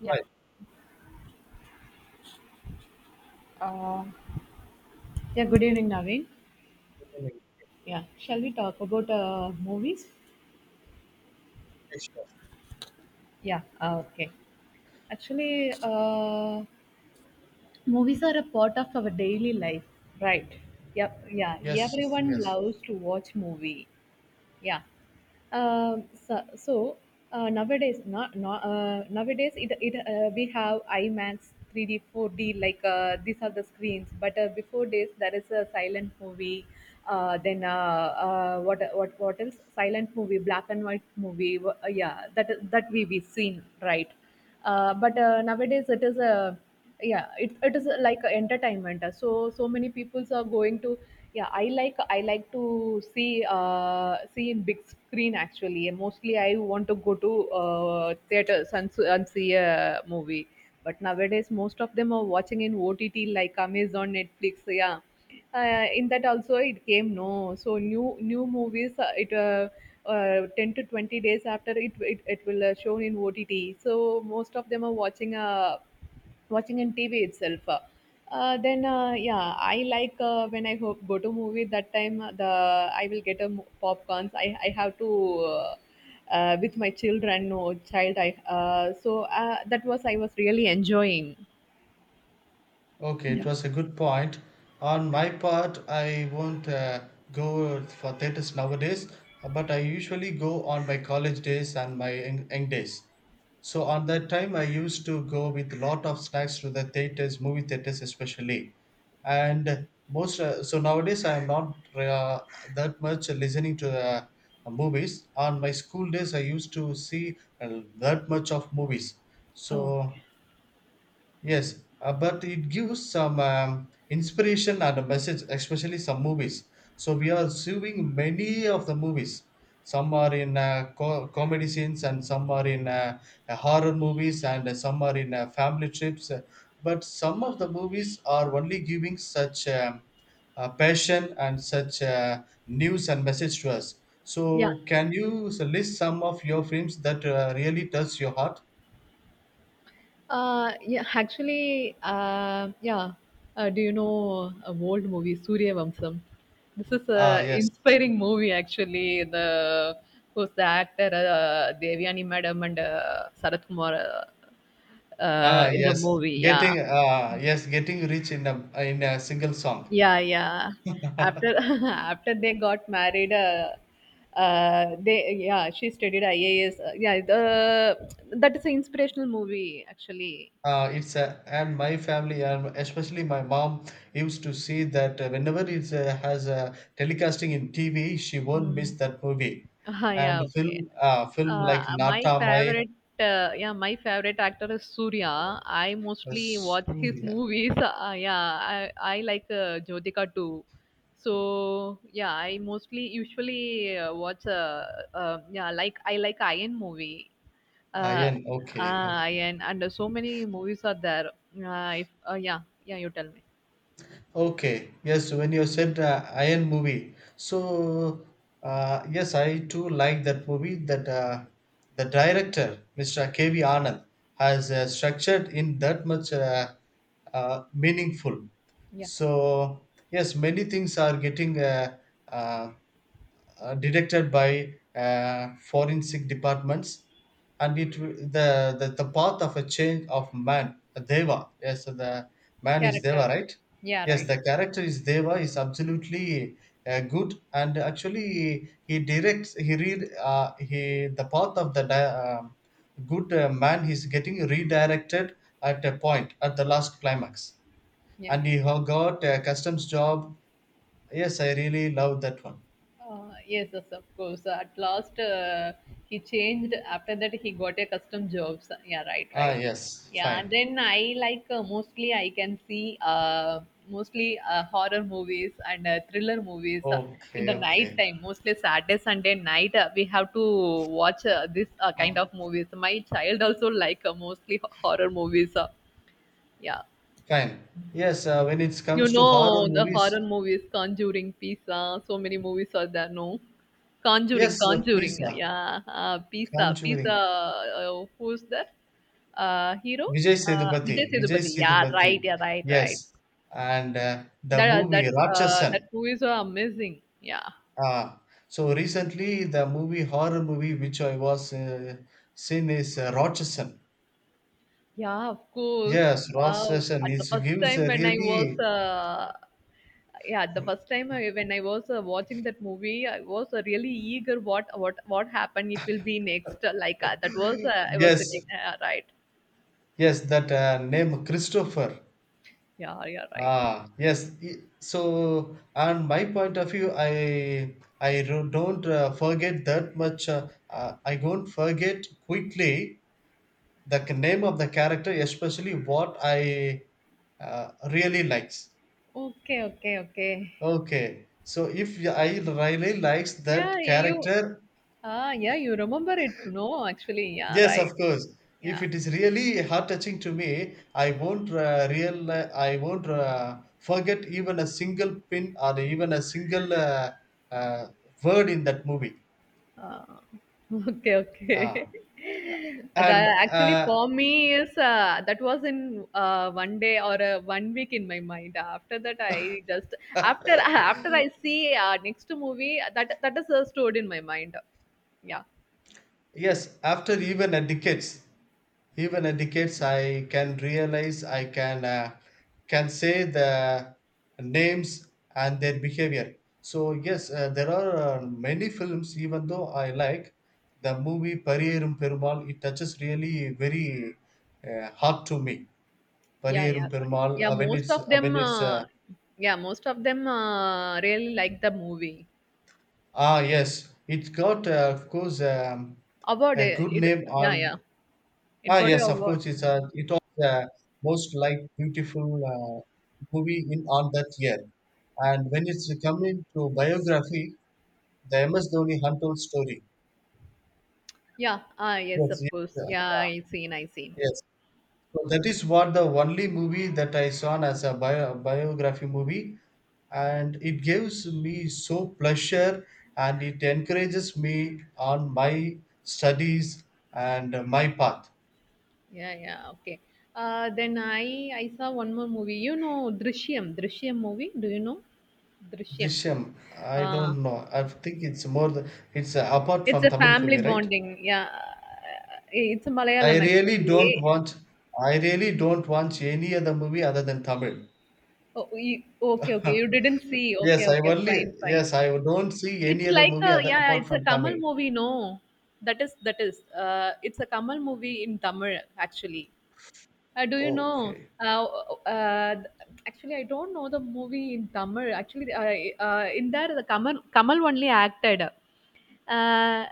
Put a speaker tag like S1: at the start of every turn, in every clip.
S1: Yeah.
S2: Right.
S1: Uh, yeah. Good evening, Naveen. Yeah. Shall we talk about movies?
S2: Yeah, sure.
S1: Yeah. Okay. Actually, movies are a part of our daily life. Right. Yep. Yeah.
S2: Yes,
S1: Everyone
S2: yes.
S1: loves to watch movie. Yeah. So nowadays, not, not, nowadays it, it we have IMAX 3D, 4D, like these are the screens. But before days, there is a silent movie. Then what else? Silent movie, black and white movie. Yeah, that we seen, right? But Nowadays it is a, yeah, it is like a entertainment, so many peoples are going to. Yeah, I like to see, see in big screen actually, and mostly I want to go to theaters and see a movie, but nowadays most of them are watching in OTT, like amazon netflix. Yeah. In that also it came no, so new movies it 10 to 20 days after it will shown in OTT. So most of them are watching, watching in TV itself. Then Yeah, I like when I go to movie, that time the I will get a popcorns, I have to, uh, with my children no child, I, that was, I was really enjoying.
S2: Okay, it was a good point. On my part, I won't go for theaters nowadays, but I usually go on my college days and my young days. So on that time, I used to go with a lot of snacks to the theaters, movie theaters especially. And most, so nowadays I am not that much listening to the movies. On my school days, I used to see that much of movies.
S1: Oh,
S2: So yes, but it gives some inspiration and a message, especially some movies. So we are seeing many of the movies. Some are in comedy scenes, and some are in horror movies, and some are in family trips. But some of the movies are only giving such passion and such news and message to us.
S1: yeah.
S2: So can you list some of your films that really touch your heart?
S1: Yeah, actually, yeah. Do you know a old movie, Surya Vamsam? This is
S2: Ah,
S1: a
S2: yes.
S1: inspiring movie, actually. The Who's the actor? Devyani Madam and Sarath Kumar,
S2: Ah,
S1: in the movie. Yeah,
S2: yes, getting rich in a single song.
S1: yeah, yeah. After After they got married, they, yeah, she studied IAS. Yeah, the that is an inspirational movie, actually.
S2: It's a, and my family and especially my mom used to see that whenever it has a telecasting in TV, she won't miss
S1: Mm.
S2: that movie.
S1: Ah,
S2: And
S1: yeah, okay.
S2: film, film
S1: Uh,
S2: like
S1: my
S2: Nata Mai.
S1: favorite, yeah, my favorite actor is Surya. I mostly watch his
S2: Surya.
S1: movies. Yeah, I like Jyotika too. So yeah, I mostly usually watch. Yeah, like I like Iron movie. Uh,
S2: Ayan. Okay, okay.
S1: Iron and so many movies are there. If Yeah, yeah, you tell me.
S2: Okay, yes, when you said Iron movie, so yes, I too like that movie. That the director, Mr. K.V. Anand, has structured in that much meaningful.
S1: Yeah,
S2: So yes, many things are getting uh, detected by forensic departments and the, the path of a change of man, a Deva. Yes, so the man is Deva,
S1: character.
S2: right?
S1: Yeah,
S2: Yes,
S1: right.
S2: the character is Deva. Is absolutely good, and actually he directs, he read, he, the path of the good man is getting redirected at a point at the last climax,
S1: Yeah,
S2: and
S1: yeah.
S2: got a customs job. Yes, I really love that one.
S1: Yes, yes, of course. So, at last, he changed. After that, he got a custom job. Yeah, right,
S2: Ah,
S1: right.
S2: yes,
S1: Yeah, and
S2: fine.
S1: then I like mostly I can see mostly horror movies and thriller movies in
S2: Okay,
S1: the night
S2: okay,
S1: time. Mostly Saturday, Sunday night, we have to watch this kind of movies. My child also like mostly horror movies. Yeah.
S2: fine. Yes, when it
S1: You
S2: comes to horror
S1: know the
S2: movies,
S1: horror movies, Conjuring, Pisa, so many movies are there, no?
S2: yes, please,
S1: Conjuring, yeah. Pisa,
S2: Conjuring,
S1: who's that? Hero? Vijay
S2: Vijay
S1: Sethupathi. Yeah,
S2: Sethupathi,
S1: right, yeah, right, right.
S2: yes, and the
S1: That uh, that
S2: movie
S1: that
S2: Rakchasan.
S1: movies are amazing. Yeah,
S2: Ah, so recently, the movie, horror movie which I was seen is Rakchasan.
S1: yeah, of course.
S2: Yes,
S1: Wow.
S2: Rakchasan.
S1: At the
S2: It
S1: first
S2: gives
S1: time
S2: a
S1: when I was
S2: really,
S1: Yeah, the first time, when I was watching that movie, I was really eager what happened it will be next, like that was I was sitting,
S2: yes,
S1: right.
S2: yes, that name Christopher.
S1: Yeah, yeah, right.
S2: Ah, yes. So, on my point of view, I don't forget that much. I don't forget quickly the name of the character, especially what I really likes.
S1: Okay, okay, okay.
S2: Okay. So, if I really likes
S1: yeah
S2: that
S1: you
S2: character,
S1: yeah, you remember it, no, actually. Yeah,
S2: yes,
S1: right.
S2: of course. If
S1: Yeah.
S2: it is really heart touching to me, I won't real I won't forget even a single pin or even a single uh, word in that movie.
S1: Uh, okay,
S2: Uh,
S1: okay. That
S2: and
S1: actually for me is, that was in, one day or one week in my mind. After that, I just after After I see next movie, that is stored in my mind. Yeah,
S2: Yes, after even a decades, I can realize, I can say the names and their behavior. So yes, there are many films. Even though I like the movie Pariyarum Perumal, it touches really very heart to me.
S1: yeah, yeah,
S2: Pariyarum
S1: right.
S2: Perumal,
S1: Yeah.
S2: when it's
S1: Most of them really like the movie.
S2: ah yes, it got of course,
S1: Award,
S2: a good
S1: it,
S2: name on.
S1: yeah, yeah. It
S2: Ah,
S1: got an
S2: yes, of
S1: award.
S2: course. It's a, it was the most like beautiful movie in, on that year. And when it's coming to biography, the MS Dhoni untold story.
S1: Yeah, ah, yes,
S2: Yes,
S1: of
S2: yes,
S1: course. Yeah,
S2: uh,
S1: I seen.
S2: yes. So that is what, the only movie that I saw as a bio, biography movie, and it gives me so pleasure, and it encourages me on my studies and my path.
S1: Yeah, yeah, okay. Then I saw one more movie. You know Drishyam movie. Do you know Drishyam?
S2: Drishyam, I
S1: Uh,
S2: don't know. I think it's more the, it's apart
S1: it's
S2: from
S1: a
S2: Tamil
S1: family
S2: movie, right?
S1: bonding. Yeah, it's a
S2: I
S1: Malayalam
S2: really don't
S1: actually.
S2: want I really don't watch any other movie other than Tamil.
S1: Oh, you, okay, okay. You didn't see.
S2: Yes,
S1: Okay,
S2: I
S1: okay.
S2: only,
S1: Fine, fine.
S2: yes, I don't see any
S1: It's
S2: other
S1: like
S2: movie
S1: a,
S2: other
S1: yeah. Yeah,
S2: apart
S1: it's a
S2: from
S1: Kamal
S2: Tamil.
S1: movie. No, that is. It's a Kamal movie in Tamil actually. Do you know?
S2: Okay.
S1: Uh, Actually, I don't know the movie in Tamil. Actually, in there, the Kamal only acted. Uh,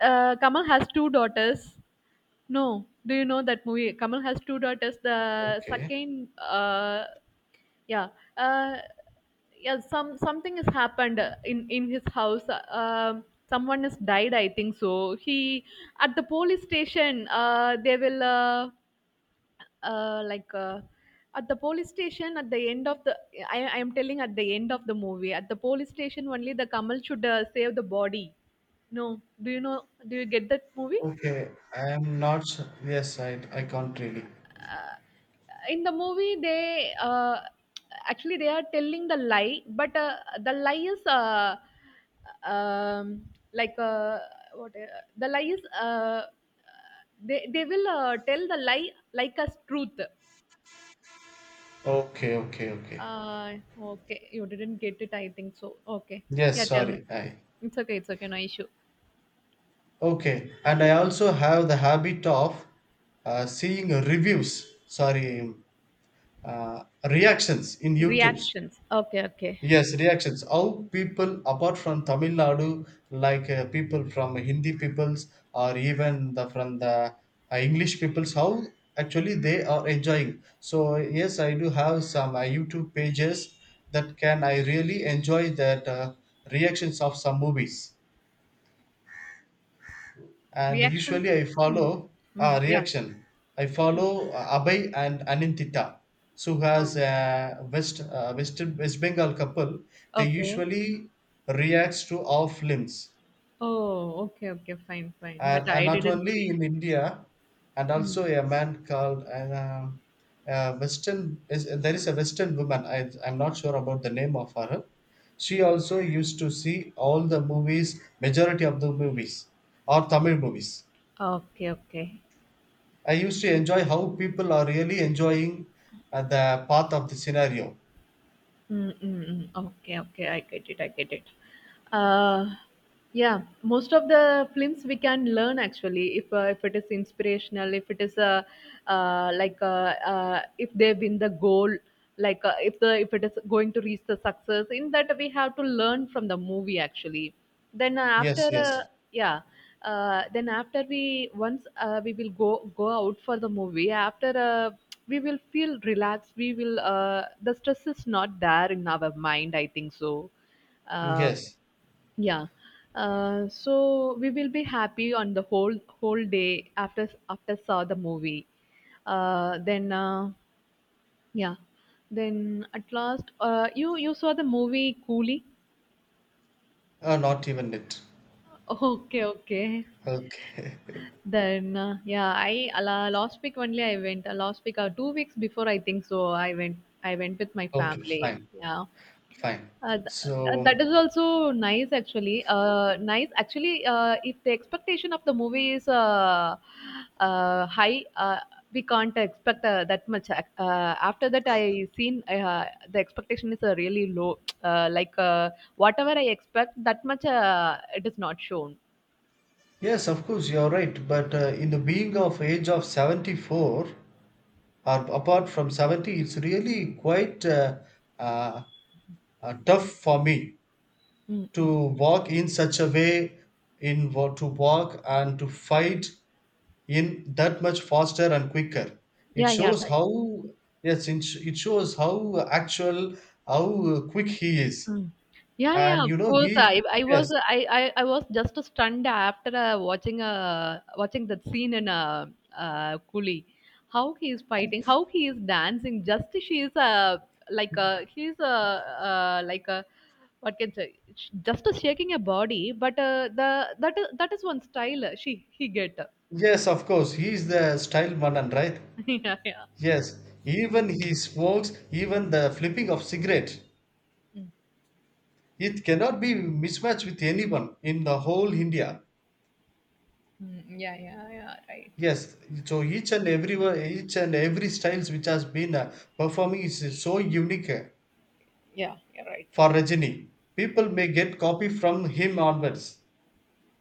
S1: Kamal has two daughters. No, do you know that movie? Kamal has two daughters. The
S2: Okay.
S1: second, yeah, uh, yeah, something has happened in his house. Um Someone has died, I think so. He at the police station. They will. Uh, like uh, at the police station, at the end of the I am telling at the end of the movie, at the police station only the Kamal should save the body. No, do you know? Do you get that movie?
S2: Okay. I am not su- Yes, I can't really.
S1: In the movie, they actually they are telling the lie, but the lie is, um, like, what, the lie is, they will tell the lie like as truth.
S2: Okay, okay, okay.
S1: Okay. You didn't get it, I think so. Okay.
S2: Yes,
S1: Yeah, tell me.
S2: sorry. I,
S1: It's okay. It's okay. No issue.
S2: okay. And I also have the habit of seeing reviews. Sorry, uh, reactions in YouTube's.
S1: Reactions. Okay. Okay.
S2: Yes, reactions. How people apart from Tamil Nadu, like people from Hindi peoples or even the from the English peoples, how actually they are enjoying. So yes, I do have some YouTube pages that can I really enjoy that reactions of some movies, and
S1: Reactions.
S2: usually I
S1: Mm.
S2: follow
S1: Mm. Yeah.
S2: reaction. I
S1: Mm.
S2: follow Abhay and Anintita. So who
S1: Oh,
S2: has a West Bengal couple. They
S1: okay.
S2: usually reacts to our films,
S1: Oh, okay. Okay. Fine. Fine. But
S2: and
S1: I
S2: not
S1: didn't
S2: only
S1: see.
S2: in India, and
S1: Mm.
S2: also a man called Western. Is, there is a Western woman. I'm not sure about the name of her. She also used to see all the movies, majority of the movies, or Tamil movies.
S1: Okay. Okay.
S2: I used to enjoy how people are really enjoying the path of the scenario.
S1: Mm, mm, mm. Okay, okay, I get it. Uh, yeah, most of the films we can learn actually, if it is inspirational, if it is like, if they win the goal, like, if it is going to reach the success. In that we have to learn from the movie actually. Then uh,
S2: Yes,
S1: after, uh,
S2: yes,
S1: yeah, then after we once we will go out for the movie. After we will feel relaxed. We will The stress is not there in our mind, I think so. Uh,
S2: yes.
S1: yeah. So we will be happy on the whole day after saw the movie. Then Yeah, then at last, you saw the movie Coolie.
S2: Not even it.
S1: Okay, okay.
S2: Okay,
S1: Then Yeah, I, last week only I went. 2 weeks before, I think so. I went. I went with my
S2: okay,
S1: family.
S2: fine,
S1: Yeah,
S2: fine.
S1: uh, th- that
S2: So,
S1: is also nice actually. Nice actually. If the expectation of the movie is high, we can't expect that much. After that, I seen the expectation is really low. Like, whatever I expect, that much it is not shown.
S2: yes, of course, you're right. But in the being of age of 74, or apart from 70, it's really quite uh, tough for me to
S1: Mm-hmm.
S2: walk in such a way, to walk and to fight in that much faster and quicker. It
S1: Yeah, yeah,
S2: shows
S1: right.
S2: how, yes, it shows how actual, how quick he is,
S1: Mm. Yeah, yeah,
S2: and
S1: of
S2: you know
S1: course.
S2: he yes,
S1: I was just stunned after watching that scene in Coolie. How he is fighting, how he is dancing. Just she is, like a, like a, what can say, just a shaking a body. But the that is one style, she he get.
S2: yes, of course, he is the style manan, right?
S1: Yeah, yeah.
S2: Yes, even he smokes, even the flipping of cigarette,
S1: Mm,
S2: it cannot be mismatched with anyone in the whole India.
S1: mm, yeah, yeah, yeah. Right.
S2: Yes, so each and every styles which has been performing is so unique.
S1: Yeah, you're right.
S2: For Rajini, people may get copy from him onwards.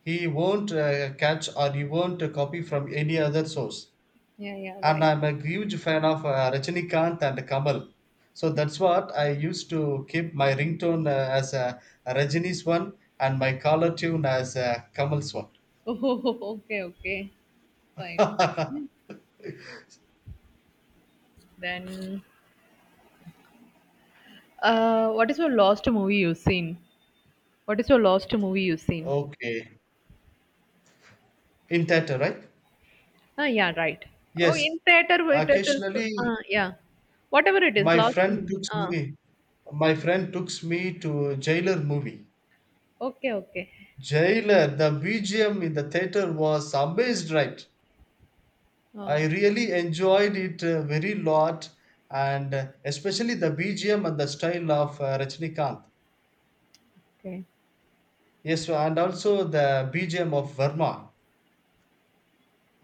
S2: He won't catch, or he won't copy from any other source.
S1: Yeah, yeah,
S2: And
S1: right.
S2: I'm a huge fan of Rajinikanth and Kamal. So that's what I used to keep my ringtone as Rajini's one and my collar tune as Kamal's one.
S1: Oh, okay, okay. Fine. Fine. Then, what is your last movie you've seen? What is your last movie you've seen?
S2: Okay. In theater, right?
S1: Ah, yeah, right. Oh,
S2: Yes.
S1: in theater, it is.
S2: Occasionally,
S1: Yeah, whatever it is,
S2: my
S1: last
S2: friend
S1: movie.
S2: took
S1: Ah,
S2: me. My friend took me to Jailer movie.
S1: okay, okay,
S2: Jailer, the BGM in the theater was amazed, right? I really enjoyed it a very lot, and especially the BGM and the style of Rajnikant.
S1: okay.
S2: Yes, and also the BGM of Verma,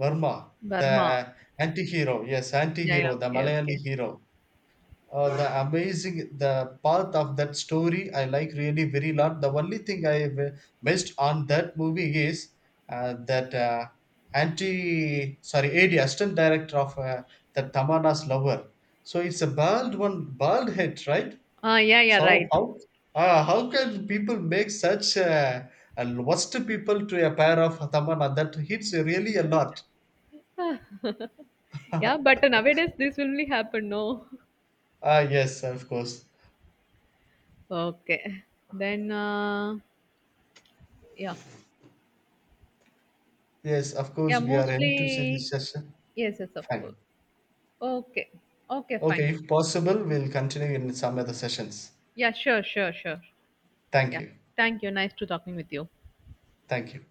S2: Verma,
S1: Burma.
S2: the anti-hero. Yes,
S1: Yeah, yeah,
S2: anti-hero, the
S1: okay,
S2: Malayali
S1: okay.
S2: hero. The amazing, the part of that story I like really very lot. The only thing I missed on that movie is that anti, sorry, ad assistant director of the Tamana's lover. So it's a bald one, bald head, right?
S1: Ah, yeah, yeah,
S2: So
S1: right.
S2: how, how can people make such a worst people to a pair of Tamana? That hits really a lot.
S1: Yeah, but nowadays this will only happen. No.
S2: Ah, yes, of course.
S1: Okay. Then, yeah,
S2: Yes, of
S1: yeah,
S2: course, we are into to see this
S1: mostly.
S2: session.
S1: Yes, yes, of
S2: Fine.
S1: course. Okay, okay, fine.
S2: Okay, if possible, we'll continue in some other sessions.
S1: Yeah, sure, sure, sure.
S2: Thank
S1: Yeah.
S2: you.
S1: Thank you. Nice to talking with you.
S2: Thank you.